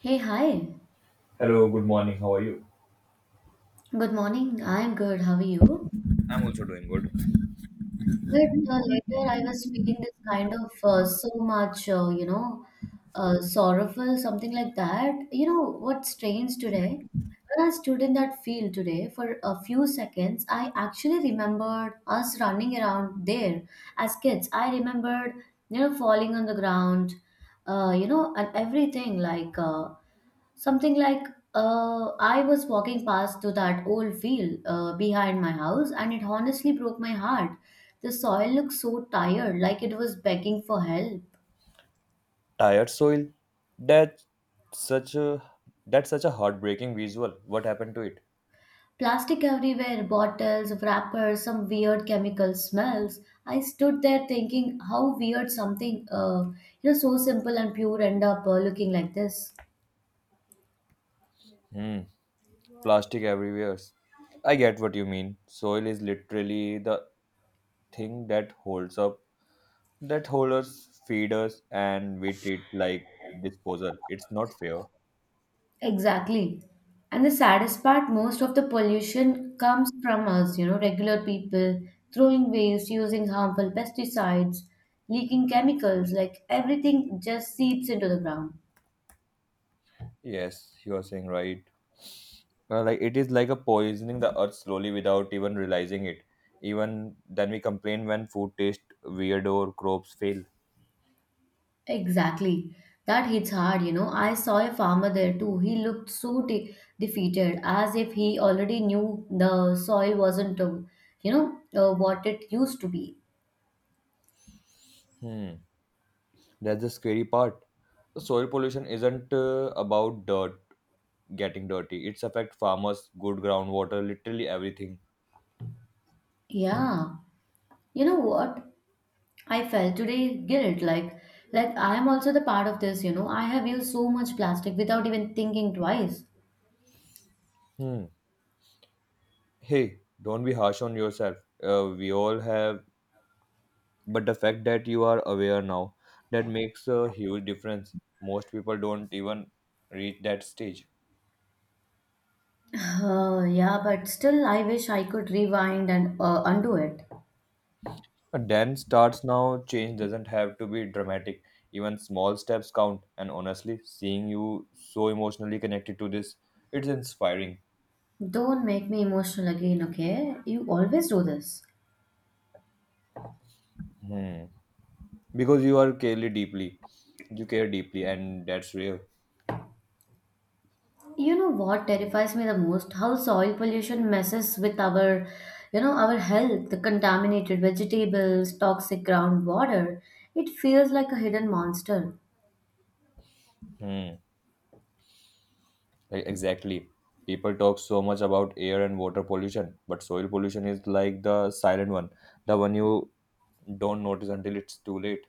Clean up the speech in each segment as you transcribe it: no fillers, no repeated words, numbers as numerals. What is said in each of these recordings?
Hey, hi. Hello, good morning. How are you? Good morning. I'm good. How are you? I'm also doing good. But later, I was feeling this kind of so much, sorrowful, something like that. You know what's strange today? When I stood in that field today for a few seconds, I actually remembered us running around there as kids. I remembered, falling on the ground, and everything like Something like, I was walking past to that old field behind my house, and it honestly broke my heart. The soil looked so tired, like it was begging for help. Tired soil, that's such a that's such a heartbreaking visual. What happened to it? Plastic everywhere, bottles, wrappers, some weird chemical smells. I stood there thinking how weird something so simple and pure end up looking like this. hmm Plastic everywhere. I get what you mean. Soil is literally the thing that holds us, feed us, and we treat like disposal. It's not fair. Exactly. And the saddest part, most of the pollution comes from us, you know, regular people throwing waste, using harmful pesticides, leaking chemicals, like everything just seeps into the ground. Yes, you are saying right. Like it is like a poisoning the earth slowly without even realizing it. Even then we complain when food tastes weird or crops fail. Exactly. That hits hard, you know. I saw a farmer there too. He looked so defeated, as if he already knew the soil wasn't, what it used to be. Hmm. That's the scary part. Soil pollution isn't about dirt getting dirty. It's affect farmers, good groundwater, literally everything. Yeah. You know what? I felt today guilt like I am also the part of this, you know. I have used so much plastic without even thinking twice. Hmm. Hey, don't be harsh on yourself. We all have, but the fact that you are aware now, that makes a huge difference. Most people don't even reach that stage. Yeah, but still I wish I could rewind and undo it. A dance starts now, change doesn't have to be dramatic. Even small steps count. And honestly, seeing you so emotionally connected to this, it's inspiring. Don't make me emotional again, okay? You always do this. Hmm. Because you are clearly deeply. You care deeply, and that's real. You know what terrifies me the most? How soil pollution messes with our health, the contaminated vegetables, toxic groundwater. It feels like a hidden monster. Hmm. Like, exactly. People talk so much about air and water pollution, but soil pollution is like the silent one, the one you don't notice until it's too late.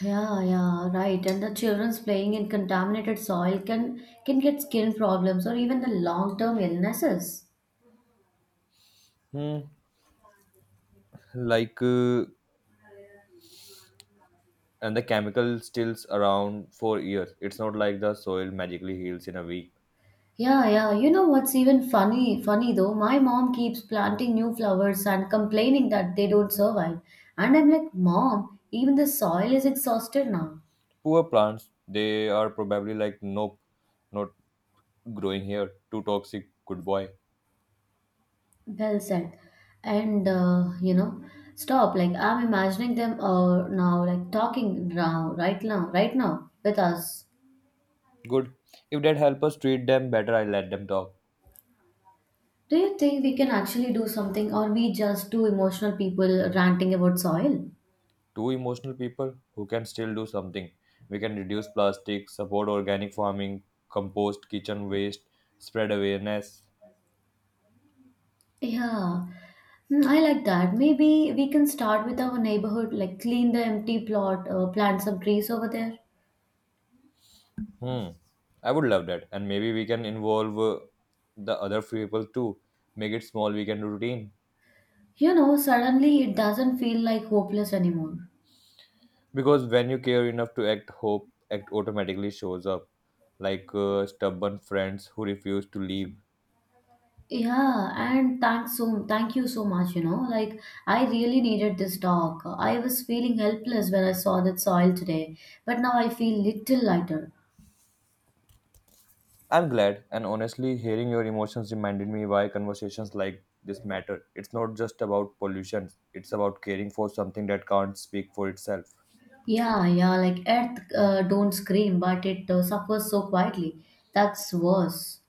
Yeah, yeah, right. And the children's playing in contaminated soil can get skin problems or even the long-term illnesses. Hmm. Like, and the chemical stills around for years. It's not like the soil magically heals in a week. Yeah, yeah. You know what's even funny? Funny though, my mom keeps planting new flowers and complaining that they don't survive. And I'm like, Mom, even the soil is exhausted now. Poor plants, they are probably like, nope, not growing here. Too toxic. Good boy. Well said. And stop. Like I'm imagining them now, like talking now, right now with us. Good. If that help us treat them better, I let them talk. Do you think we can actually do something, or we just two emotional people ranting about soil? Two emotional people who can still do something. We can reduce plastic, support organic farming, compost kitchen waste, spread awareness. Yeah. Hmm, I like that. Maybe we can start with our neighborhood, like clean the empty plot, plant some trees over there. Hmm. I would love that. And maybe we can involve the other people too. Make it small weekend routine, You know, suddenly it doesn't feel like hopeless anymore. because when you care enough to act, hope act automatically shows up, like stubborn friends who refuse to leave. Yeah, and thank you so much, you know. Like I really needed this talk. I was feeling helpless when I saw that soil today, but now I feel little lighter. I'm glad, and honestly, hearing your emotions reminded me why conversations like this matter. It's not just about pollution, it's about caring for something that can't speak for itself. Yeah, yeah, like Earth don't scream, but it suffers so quietly. That's worse.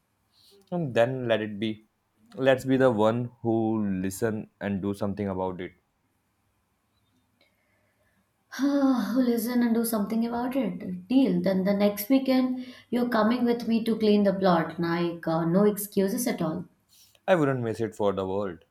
And then let it be. Let's be the one who listen and do something about it. Listen and do something about it. Deal. Then the next weekend, you're coming with me to clean the plot. Like, no excuses at all. I wouldn't miss it for the world.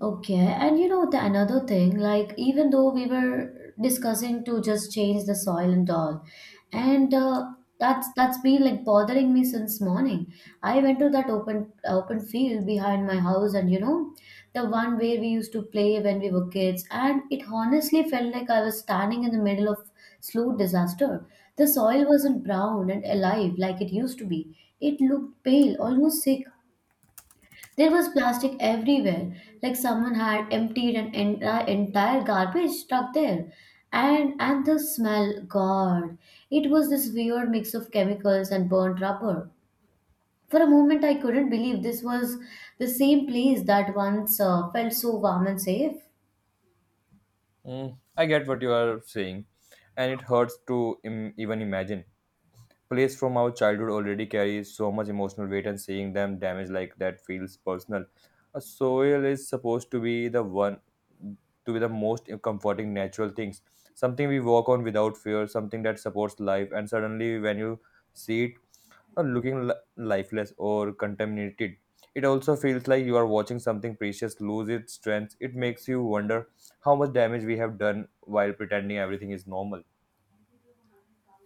Okay, and you know the another thing, like even though we were discussing to just change the soil and all, and that's been like bothering me since morning. I went to that open field behind my house, and you know the one where we used to play when we were kids, and it honestly felt like I was standing in the middle of slow disaster. The soil wasn't brown and alive like it used to be. It looked pale, almost sick. There was plastic everywhere, like someone had emptied an entire garbage truck there. And the smell, God, it was this weird mix of chemicals and burnt rubber. For a moment, I couldn't believe this was the same place that once felt so warm and safe. I get what you are saying, and it hurts to even imagine. Plays from our childhood already carry so much emotional weight, and seeing them damaged like that feels personal. A soil is supposed to be the most comforting natural things, something we walk on without fear, something that supports life. And suddenly, when you see it, uh, looking li- lifeless or contaminated, it also feels like you are watching something precious lose its strength. It makes you wonder how much damage we have done while pretending everything is normal.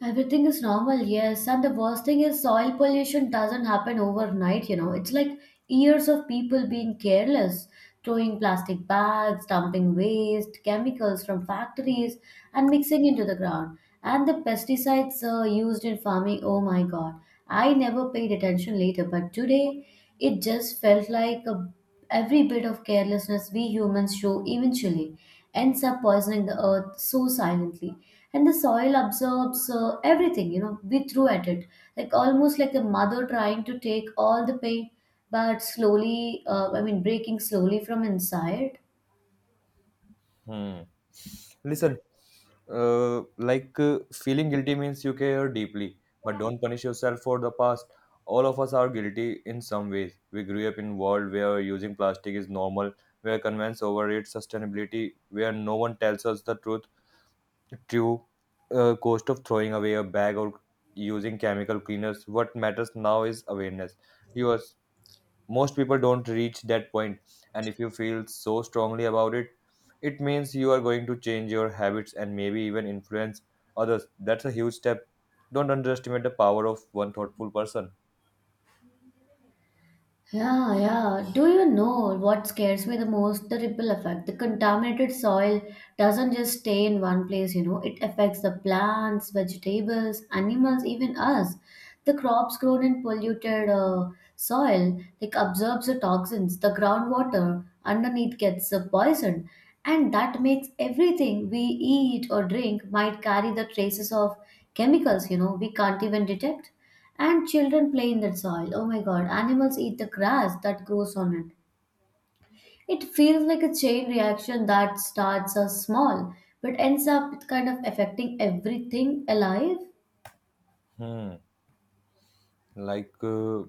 Everything is normal, yes. And the worst thing is soil pollution doesn't happen overnight, you know. It's like years of people being careless, throwing plastic bags, dumping waste, chemicals from factories, and mixing into the ground. And the pesticides used in farming, oh my god. I never paid attention later, but today it just felt like a Every bit of carelessness we humans show eventually ends up poisoning the earth so silently. And the soil absorbs everything, you know, we threw at it. Like almost like a mother trying to take all the pain, but slowly, breaking slowly from inside. Hmm. Listen, feeling guilty means you care deeply, but don't punish yourself for the past. All of us are guilty in some ways. We grew up in a world where using plastic is normal, where convenience over its sustainability, where no one tells us the truth, true cost of throwing away a bag or using chemical cleaners. What matters now is awareness. Yours. Most people don't reach that point, and if you feel so strongly about it, it means you are going to change your habits and maybe even influence others. That's a huge step. Don't underestimate the power of one thoughtful person. Yeah, yeah. Do you know what scares me the most? The ripple effect. The contaminated soil doesn't just stay in one place, you know, it affects the plants, vegetables, animals, even us. The crops grown in polluted soil like absorbs the toxins. The groundwater underneath gets poisoned, and that makes everything we eat or drink might carry the traces of chemicals, you know, we can't even detect. And children play in that soil. Oh my god, animals eat the grass that grows on it. It feels like a chain reaction that starts us small but ends up kind of affecting everything alive. hmm like uh,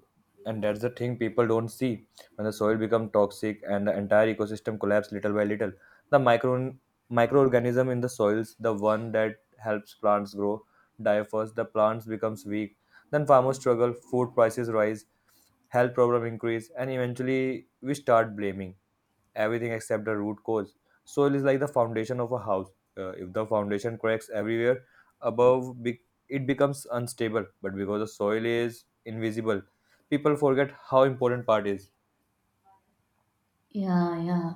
and that's the thing people don't see. When the soil become toxic, and the entire ecosystem collapse little by little. The microorganism in the soils, the one that helps plants grow, die first. The plants becomes weak, then farmers struggle, food prices rise, health problem increase, and eventually we start blaming everything except the root cause. Soil is like the foundation of a house. If the foundation cracks, everywhere above, it becomes unstable. But because the soil is invisible, people forget how important part is. Yeah, yeah,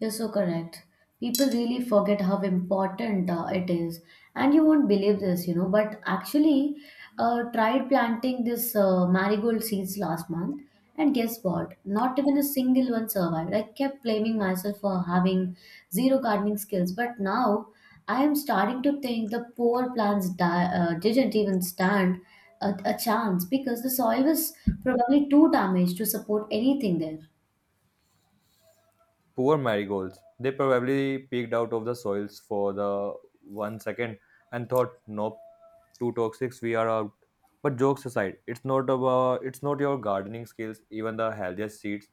you're so correct. People really forget how important it is, and you won't believe this, you know. But actually, tried planting this marigold seeds last month, and guess what? Not even a single one survived. I kept blaming myself for having zero gardening skills, but now I am starting to think the poor plants didn't even stand a chance because the soil was probably too damaged to support anything there. Poor marigolds. They probably peeked out of the soils for the one second and thought, nope, too toxic, we are out. But jokes aside, it's not your gardening skills. Even the healthiest seeds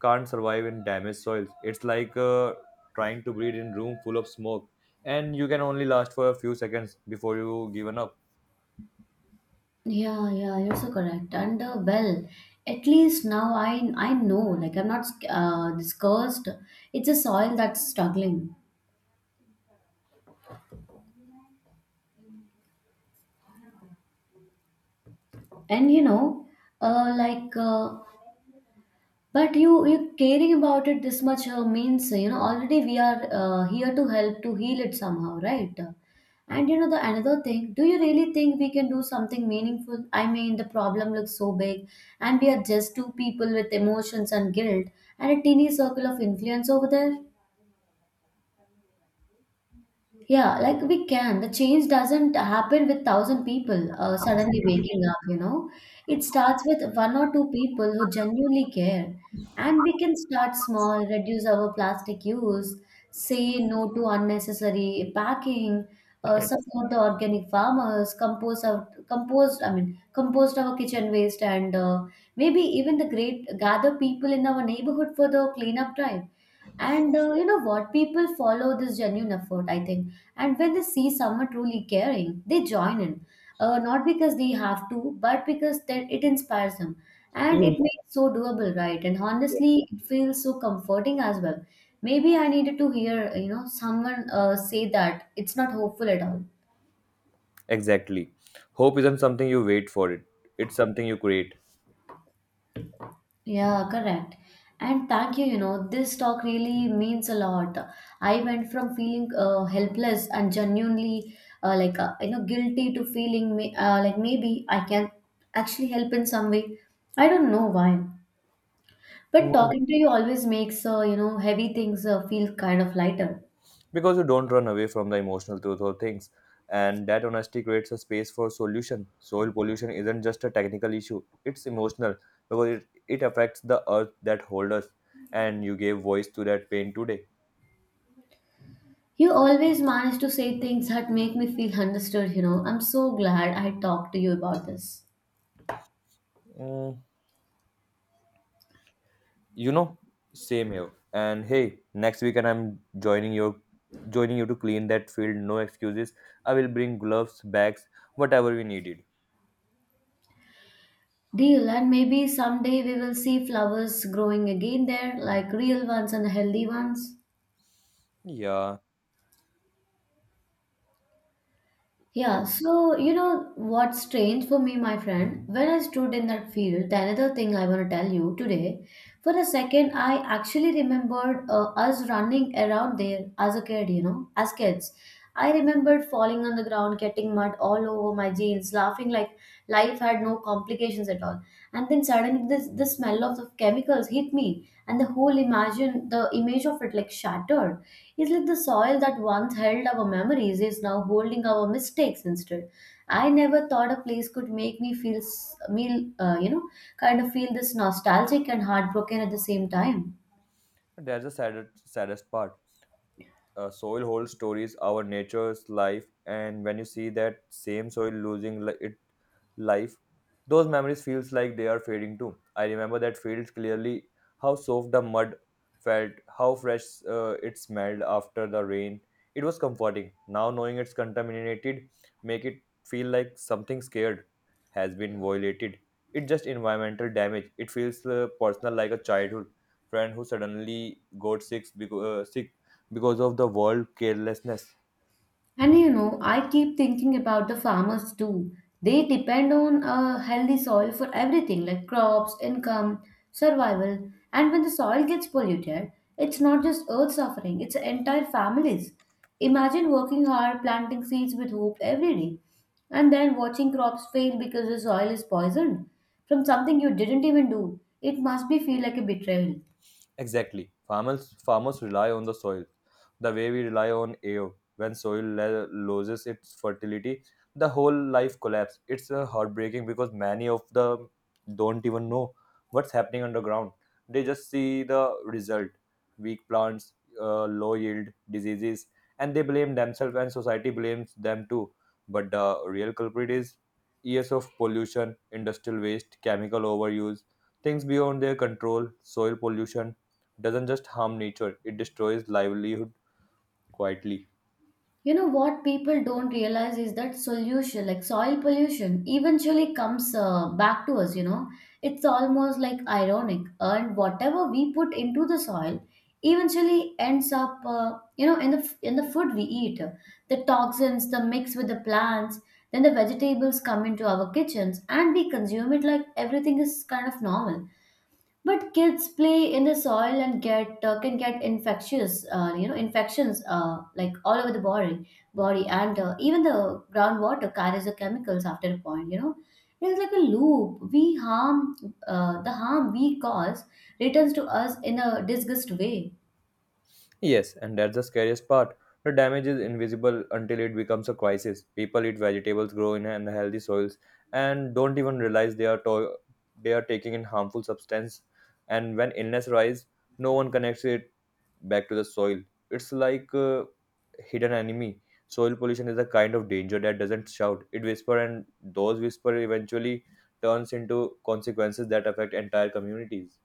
can't survive in damaged soils. It's like trying to breathe in room full of smoke, and you can only last for a few seconds before you given up. Yeah, yeah, you're so correct. And well, at least now I know, like I'm not this cursed. It's a soil that's struggling, and you know, uh, like, uh, but you caring about it this much means you know already we are here to help to heal it somehow, right? And you know the another thing, do you really think we can do something meaningful? I mean, the problem looks so big, and we are just two people with emotions and guilt and a teeny circle of influence over there. Yeah, like we can. The change doesn't happen with thousand people suddenly waking up, you know. It starts with one or two people who genuinely care. And we can start small, reduce our plastic use, say no to unnecessary packing, support the organic farmers, compose our compost, I mean, compost our kitchen waste, and maybe even the great gather people in our neighborhood for the cleanup drive. And you know what? People follow this genuine effort, I think. And when they see someone truly caring, they join in. Not because they have to, but because that it inspires them. And Mm, it makes so doable, right? And honestly, it feels so comforting as well. Maybe I needed to hear, you know, someone say that it's not hopeful at all. Exactly. Hope isn't something you wait for it. It's something you create. Yeah, correct. And thank you, you know, this talk really means a lot. I went from feeling helpless and genuinely guilty to feeling maybe I can actually help in some way. I don't know why, but mm, talking to you always makes heavy things feel kind of lighter. Because you don't run away from the emotional truth or things. And that honesty creates a space for solution. Soil pollution isn't just a technical issue, it's emotional because it affects the earth that holds us. And you gave voice to that pain today. You always manage to say things that make me feel understood, you know. I'm so glad I talked to you about this. Mm, You know, same here. And hey, next weekend I'm joining you to clean that field. No excuses. I will bring gloves, bags, whatever we needed. Deal, and maybe someday we will see flowers growing again there, like real ones and healthy ones. Yeah, like, Yeah, so you know what's strange for me, my friend? When I stood in that field, the another thing I want to tell you today, for a second, I actually remembered us running around there as a kid, you know, as kids. I remembered falling on the ground, getting mud all over my jeans, laughing like life had no complications at all. And then suddenly, this the smell of the chemicals hit me, and the whole imagine the image of it like shattered. It's like the soil that once held our memories is now holding our mistakes instead. I never thought a place could make me feel, kind of feel this nostalgic and heartbroken at the same time. that's the saddest part. Soil holds stories, our nature's life, and when you see that same soil losing li- it life, those memories feels like they are fading too. I remember that fields clearly, how soft the mud felt, how fresh it smelled after the rain. It was comforting. Now knowing it's contaminated, make it feel like something scared has been violated. It's just environmental damage, it feels personal, like a childhood friend who suddenly got sick sick because of the world carelessness. And you know, I keep thinking about the farmers too. They depend on a healthy soil for everything like crops, income, survival. And when the soil gets polluted, it's not just earth suffering, it's entire families. Imagine working hard, planting seeds with hope every day, and then watching crops fail because the soil is poisoned from something you didn't even do. It must be feel like a betrayal. Exactly. Farmers rely on the soil the way we rely on air. When soil loses its fertility, the whole life collapse. It's heartbreaking, because many of the don't even know what's happening underground. They just see the result: weak plants, low yield, diseases, and they blame themselves, and society blames them too. But the real culprit is years of pollution, industrial waste, chemical overuse, things beyond their control. Soil pollution doesn't just harm nature, it destroys livelihood quietly. You know what people don't realize is that solution like soil pollution eventually comes back to us. It's almost like ironic, and whatever we put into the soil eventually ends up in the in the food we eat. The toxins the mix with the plants, then the vegetables come into our kitchens and we consume it like everything is kind of normal. But kids play in the soil and get can get infectious, infections like all over the body, and even the groundwater carries the chemicals after a point. You know, it's like a loop. We harm the harm we cause returns to us in a disgust way. Yes. And that's the scariest part. The damage is invisible until it becomes a crisis. People eat vegetables, grow in unhealthy soils, and don't even realize they are taking in harmful substance. And when illness rise, no one connects it back to the soil. It's like a hidden enemy. Soil pollution is a kind of danger that doesn't shout. It whispers, and those whisper eventually turns into consequences that affect entire communities.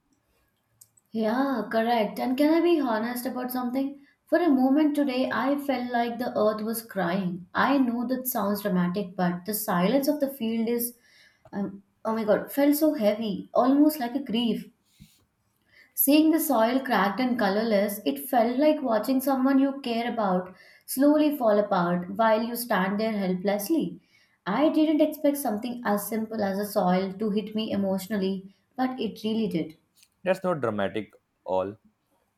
Yeah, correct. And can I be honest about something? For a moment today, I felt like the earth was crying. I know that sounds dramatic, but the silence of the field is, oh my god, felt so heavy, almost like a grief. Seeing the soil cracked and colorless, it felt like watching someone you care about slowly fall apart while you stand there helplessly. I didn't expect something as simple as a soil to hit me emotionally, but it really did. That's not dramatic all.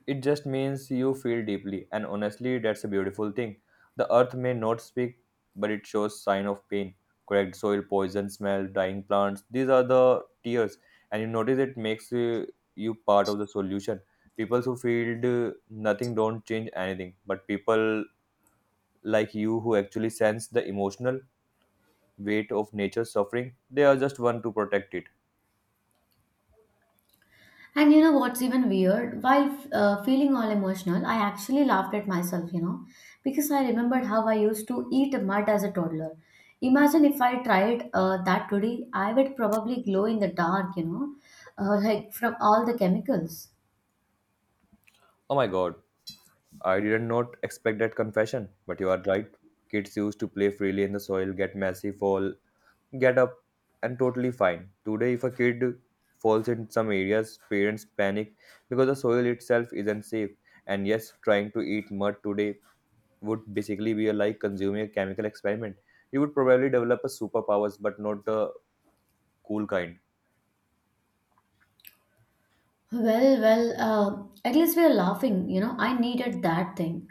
It just means you feel deeply, and honestly, that's a beautiful thing. The earth may not speak, but it shows sign of pain. Cracked soil, poison smell, dying plants. These are the tears, and you notice it makes you part of the solution. People who feel nothing don't change anything, but people like you, who actually sense the emotional weight of nature's suffering, they are just one to protect it. And you know what's even weird? While feeling all emotional, I actually laughed at myself, you know, because I remembered how I used to eat mud as a toddler. Imagine if I tried that today, I would probably glow in the dark, you know, like from all the chemicals. Oh my God. I did not expect that confession, but you are right. Kids used to play freely in the soil, get messy, fall, get up, and totally fine. Today, if a kid falls in some areas, parents panic because the soil itself isn't safe. And yes, trying to eat mud today would basically be like consuming a chemical experiment. You would probably develop a superpowers, but not the cool kind. Well, at least we are laughing, you know, I needed that thing.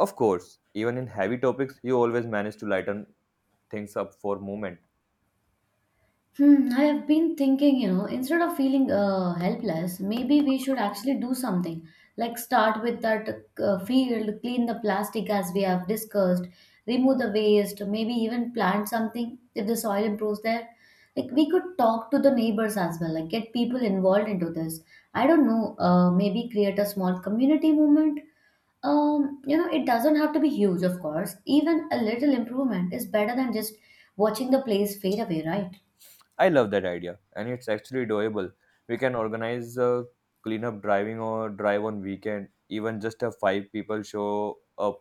Of course, even in heavy topics, you always manage to lighten things up for a moment. Hmm, I have been thinking, you know, instead of feeling helpless, maybe we should actually do something. Like start with that field, clean the plastic as we have discussed, remove the waste, maybe even plant something if the soil improves there. Like we could talk to the neighbors as well, like get people involved into this. I don't know, maybe create a small community movement. You know, it doesn't have to be huge, of course. Even a little improvement is better than just watching the place fade away, right? I love that idea, and it's actually doable. We can organize a cleanup driving or drive on weekend. Even just a five people show up,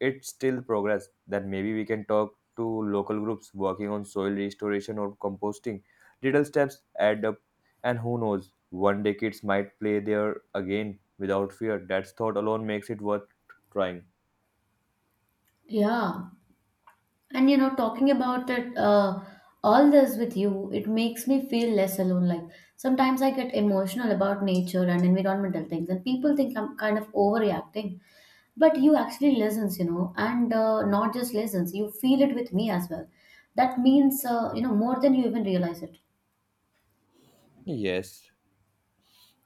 it's still progress. Then maybe we can talk to local groups working on soil restoration or composting. Little steps add up, and who knows, one day kids might play there again without fear. That thought alone makes it worth trying. Yeah, and you know, talking about it, all this with you, it makes me feel less alone. Like sometimes I get emotional about nature and environmental things, and people think I'm kind of overreacting. But you actually listens, you know, and not just listens, you feel it with me as well. That means, more than you even realize it. Yes.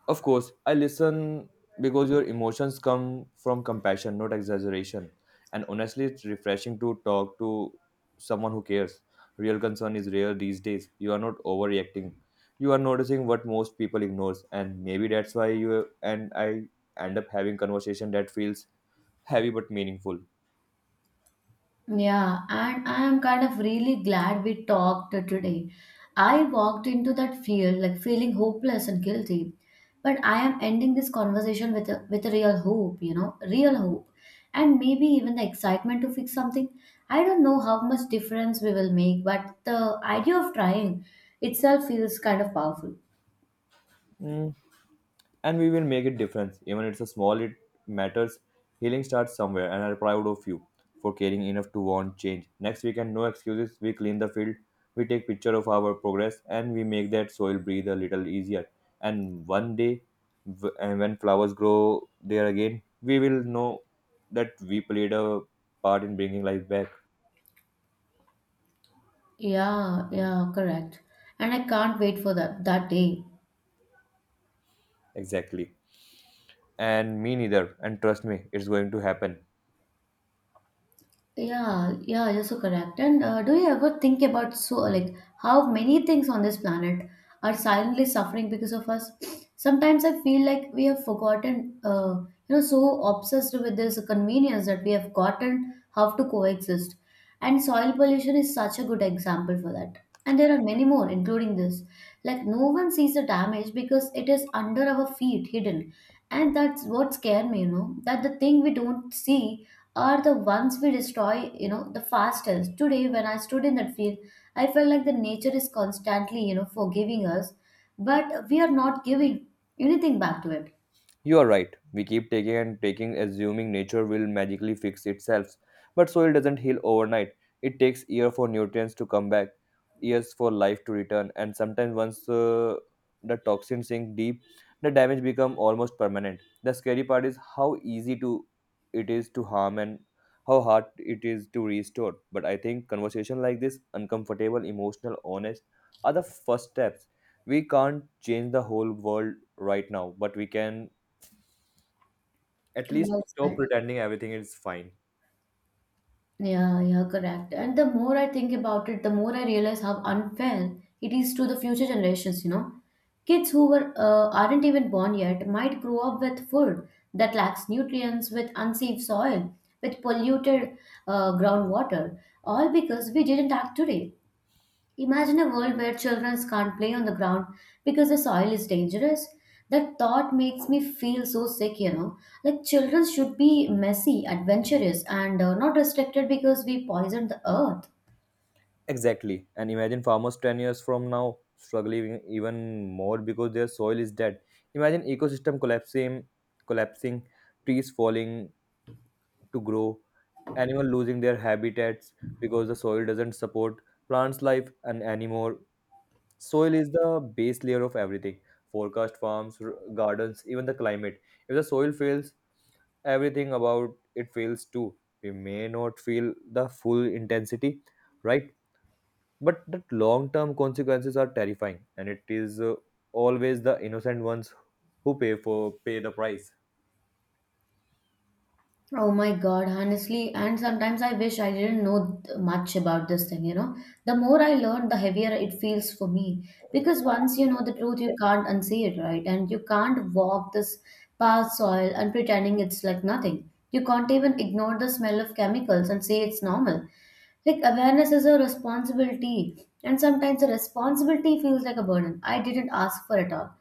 Of course I listen, because your emotions come from compassion, not exaggeration. And honestly, it's refreshing to talk to someone who cares. Real concern is rare these days. You are not overreacting. You are noticing what most people ignores, and maybe that's why you and I end up having conversation that feels heavy but meaningful. Yeah, and I am kind of really glad we talked today. I walked into that field like feeling hopeless and guilty, but I am ending this conversation with with a real hope, you know, real hope, and maybe even the excitement to fix something. I don't know how much difference we will make, but the idea of trying itself feels kind of powerful. Mm, and we will make a difference. Even it's a small, it matters. Healing starts somewhere, and I'm proud of you for caring enough to want change. Next weekend, no excuses, we clean the field, we take picture of our progress, and we make that soil breathe a little easier. And one day, and when flowers grow there again, we will know that we played a part in bringing life back. Yeah, yeah, correct. And I can't wait for that day. Exactly. And me neither, and trust me, it's going to happen. Yeah, yeah, you're so correct. And do you ever think about so like how many things on this planet are silently suffering because of us? Sometimes I feel like we have forgotten, so obsessed with this convenience that we have gotten how to coexist. And soil pollution is such a good example for that. And there are many more, including this. Like, no one sees the damage because it is under our feet, hidden. And that's what scared me, you know, that the thing we don't see are the ones we destroy, you know, the fastest. Today, when I stood in that field, I felt like the nature is constantly, you know, forgiving us, but we are not giving anything back to it. You are right. We keep taking and taking, assuming nature will magically fix itself. But soil doesn't heal overnight. It takes years for nutrients to come back, years for life to return, and sometimes, once the toxins sink deep, the damage becomes almost permanent. The scary part is how easy to it is to harm and how hard it is to restore. But I think conversation like this, uncomfortable, emotional, honest, are the first steps. We can't change the whole world right now, but we can at least Well stop said. pretending everything is fine. Yeah, yeah, correct. And the more I think about it, the more I realize how unfair it is to the future generations, you know. Kids who were aren't even born yet might grow up with food that lacks nutrients, with unsafe soil, with polluted groundwater, all because we didn't act today. Imagine a world where children can't play on the ground because the soil is dangerous. That thought makes me feel so sick, you know. Like children should be messy, adventurous, and not restricted because we poison the earth. Exactly. And imagine farmers 10 years from now struggling even more because their soil is dead. Imagine ecosystem collapsing, collapsing, trees falling to grow, animal losing their habitats because the soil doesn't support plants life and anymore. Soil is the base layer of everything, forecast farms, gardens, even the climate. If the soil fails, everything about it fails too. We may not feel the full intensity, right? But the long term consequences are terrifying, and it is always the innocent ones who pay the price. Oh my God, honestly, and sometimes I wish I didn't know much about this thing, you know. The more I learn, the heavier it feels for me. Because once you know the truth, you can't unsee it, right? And you can't walk this path soil and pretending it's like nothing. You can't even ignore the smell of chemicals and say it's normal. Like awareness is a responsibility, and sometimes the responsibility feels like a burden. I didn't ask for it all.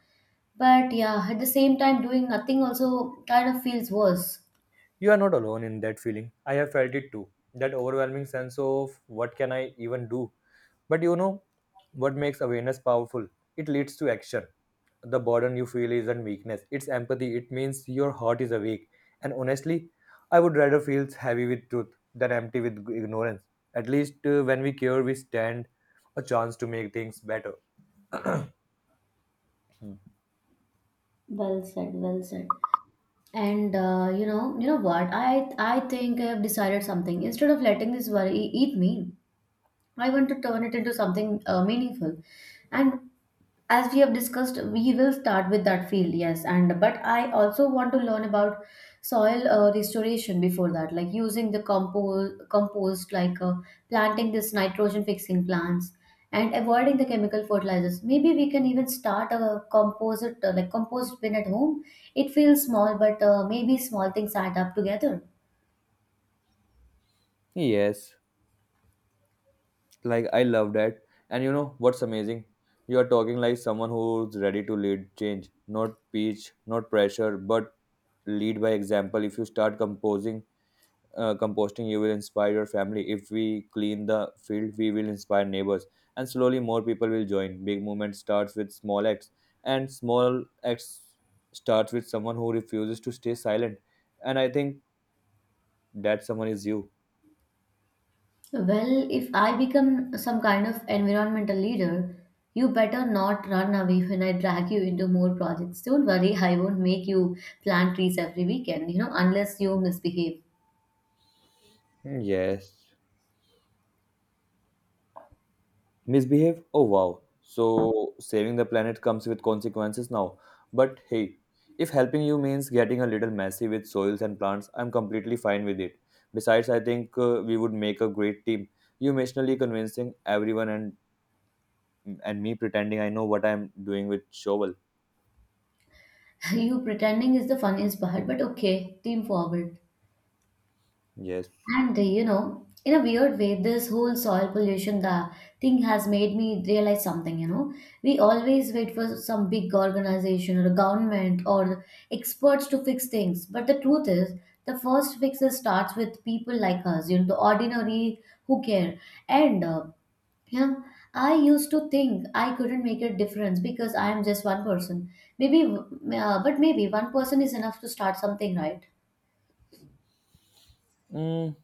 But yeah, at the same time, doing nothing also kind of feels worse. You are not alone in that feeling. I have felt it too. That overwhelming sense of what can I even do? But you know what makes awareness powerful? It leads to action. The burden you feel isn't weakness, it's empathy. It means your heart is awake. And honestly, I would rather feel heavy with truth than empty with ignorance. At least when we care, we stand a chance to make things better. Well said, well said. And you know what? I think I have decided something. Instead of letting this worry eat me, I want to turn it into something meaningful. And as we have discussed, we will start with that field. Yes. And but I also want to learn about soil restoration before that, like using the compost like planting this nitrogen fixing plants and avoiding the chemical fertilizers. Maybe we can even start a composite like compost bin at home. It feels small, but maybe small things add up together. Yes, like I love that. And you know what's amazing? You are talking like someone who's ready to lead change, not preach, not pressure, but lead by example. If you start composing composting, you will inspire your family. If we clean the field, we will inspire neighbors, and slowly more people will join. Big movement starts with small acts, and small acts starts with someone who refuses to stay silent. And I think that someone is you. Well, if I become some kind of environmental leader, you better not run away when I drag you into more projects. Don't worry, I won't make you plant trees every weekend, you know, unless you misbehave. Yes. Misbehave? Oh wow. So saving the planet comes with consequences now. But hey, if helping you means getting a little messy with soils and plants, I'm completely fine with it. Besides, I think we would make a great team. You emotionally convincing everyone, and me pretending I know what I'm doing with shovel. You pretending is the funniest part, but okay, team forward. Yes. And you know, in a weird way, this whole soil pollution the thing has made me realize something. You know, we always wait for some big organization or government or experts to fix things, but the truth is, the first fix is starts with people like us. You know, the ordinary who care and. You know, I used to think I couldn't make a difference because I am just one person. Maybe, but maybe one person is enough to start something, right? Mm,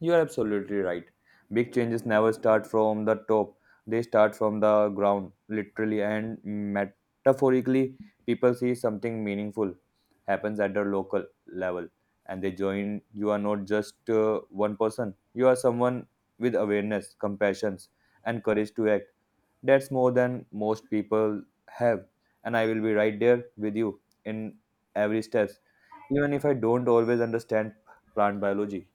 you are absolutely right. Big changes never start from the top, they start from the ground, literally and metaphorically. People see something meaningful happens at the local level and they join. You are not just one person, you are someone with awareness, compassion, and courage to act. That's more than most people have. And I will be right there with you in every step, even if I don't always understand plant biology.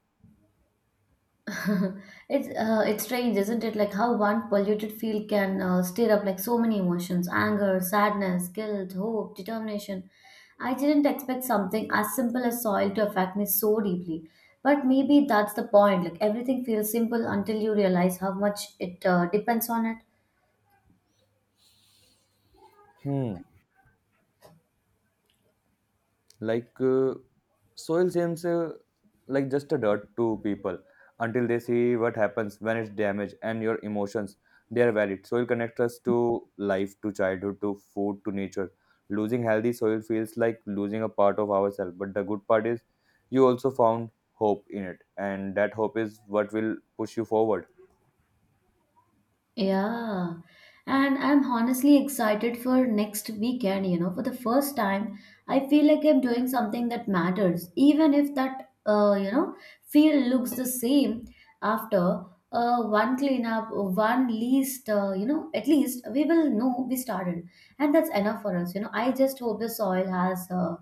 It's it's strange, isn't it? Like how one polluted field can stir up like so many emotions: anger, sadness, guilt, hope, determination. I didn't expect something as simple as soil to affect me so deeply. But maybe that's the point. Like everything feels simple until you realize how much it depends on it. Hmm. Like soil seems like just a dirt to people until they see what happens when it's damaged. And your emotions, they are valid. Soil connects us to life, to childhood, to food, to nature. Losing healthy soil feels like losing a part of ourselves, but the good part is you also found hope in it, and that hope is what will push you forward. Yeah. And I'm honestly excited for next weekend, you know. For the first time, I feel like I'm doing something that matters, even if that, feel looks the same after one cleanup, one least, at least we will know we started. And that's enough for us, you know. I just hope the soil has, uh,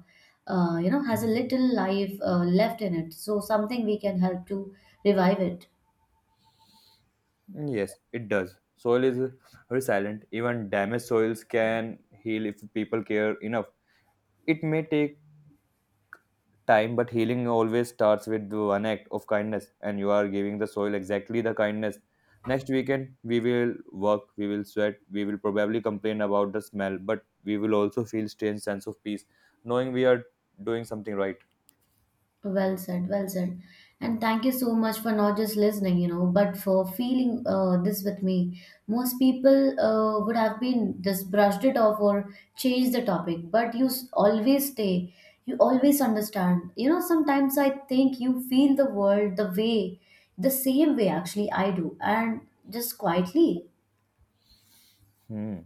uh, you know, has a little life left in it, so something we can help to revive it. Yes it does. Soil is resilient. Even damaged soils can heal if people care enough. It may take time, but healing always starts with one act of kindness, and you are giving the soil exactly the kindness. Next weekend, we will work, we will sweat, we will probably complain about the smell, but we will also feel strange sense of peace, knowing we are doing something right. Well said, well said. And thank you so much for not just listening, you know, but for feeling this with me. Most people would have been just brushed it off or changed the topic, but you always stay. You always understand. You know, sometimes I think you feel the world the way, the same way actually I do, and just quietly. Hmm.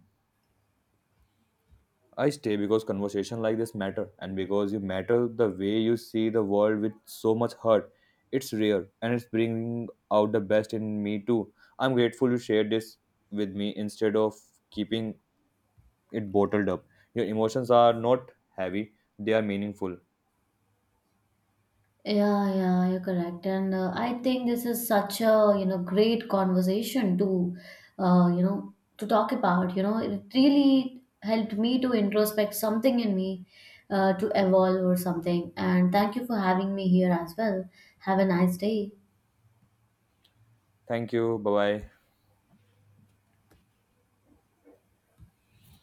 I stay because conversation like this matter, and because you matter, the way you see the world with so much heart. It's rare, and it's bringing out the best in me too. I'm grateful you shared this with me instead of keeping it bottled up. Your emotions are not heavy, they are meaningful. Yeah, yeah, you're correct. And I think this is such a, you know, great conversation to, to talk about. You know, it really helped me to introspect something in me, to evolve or something. And thank you for having me here as well. Have a nice day. Thank you. Bye bye.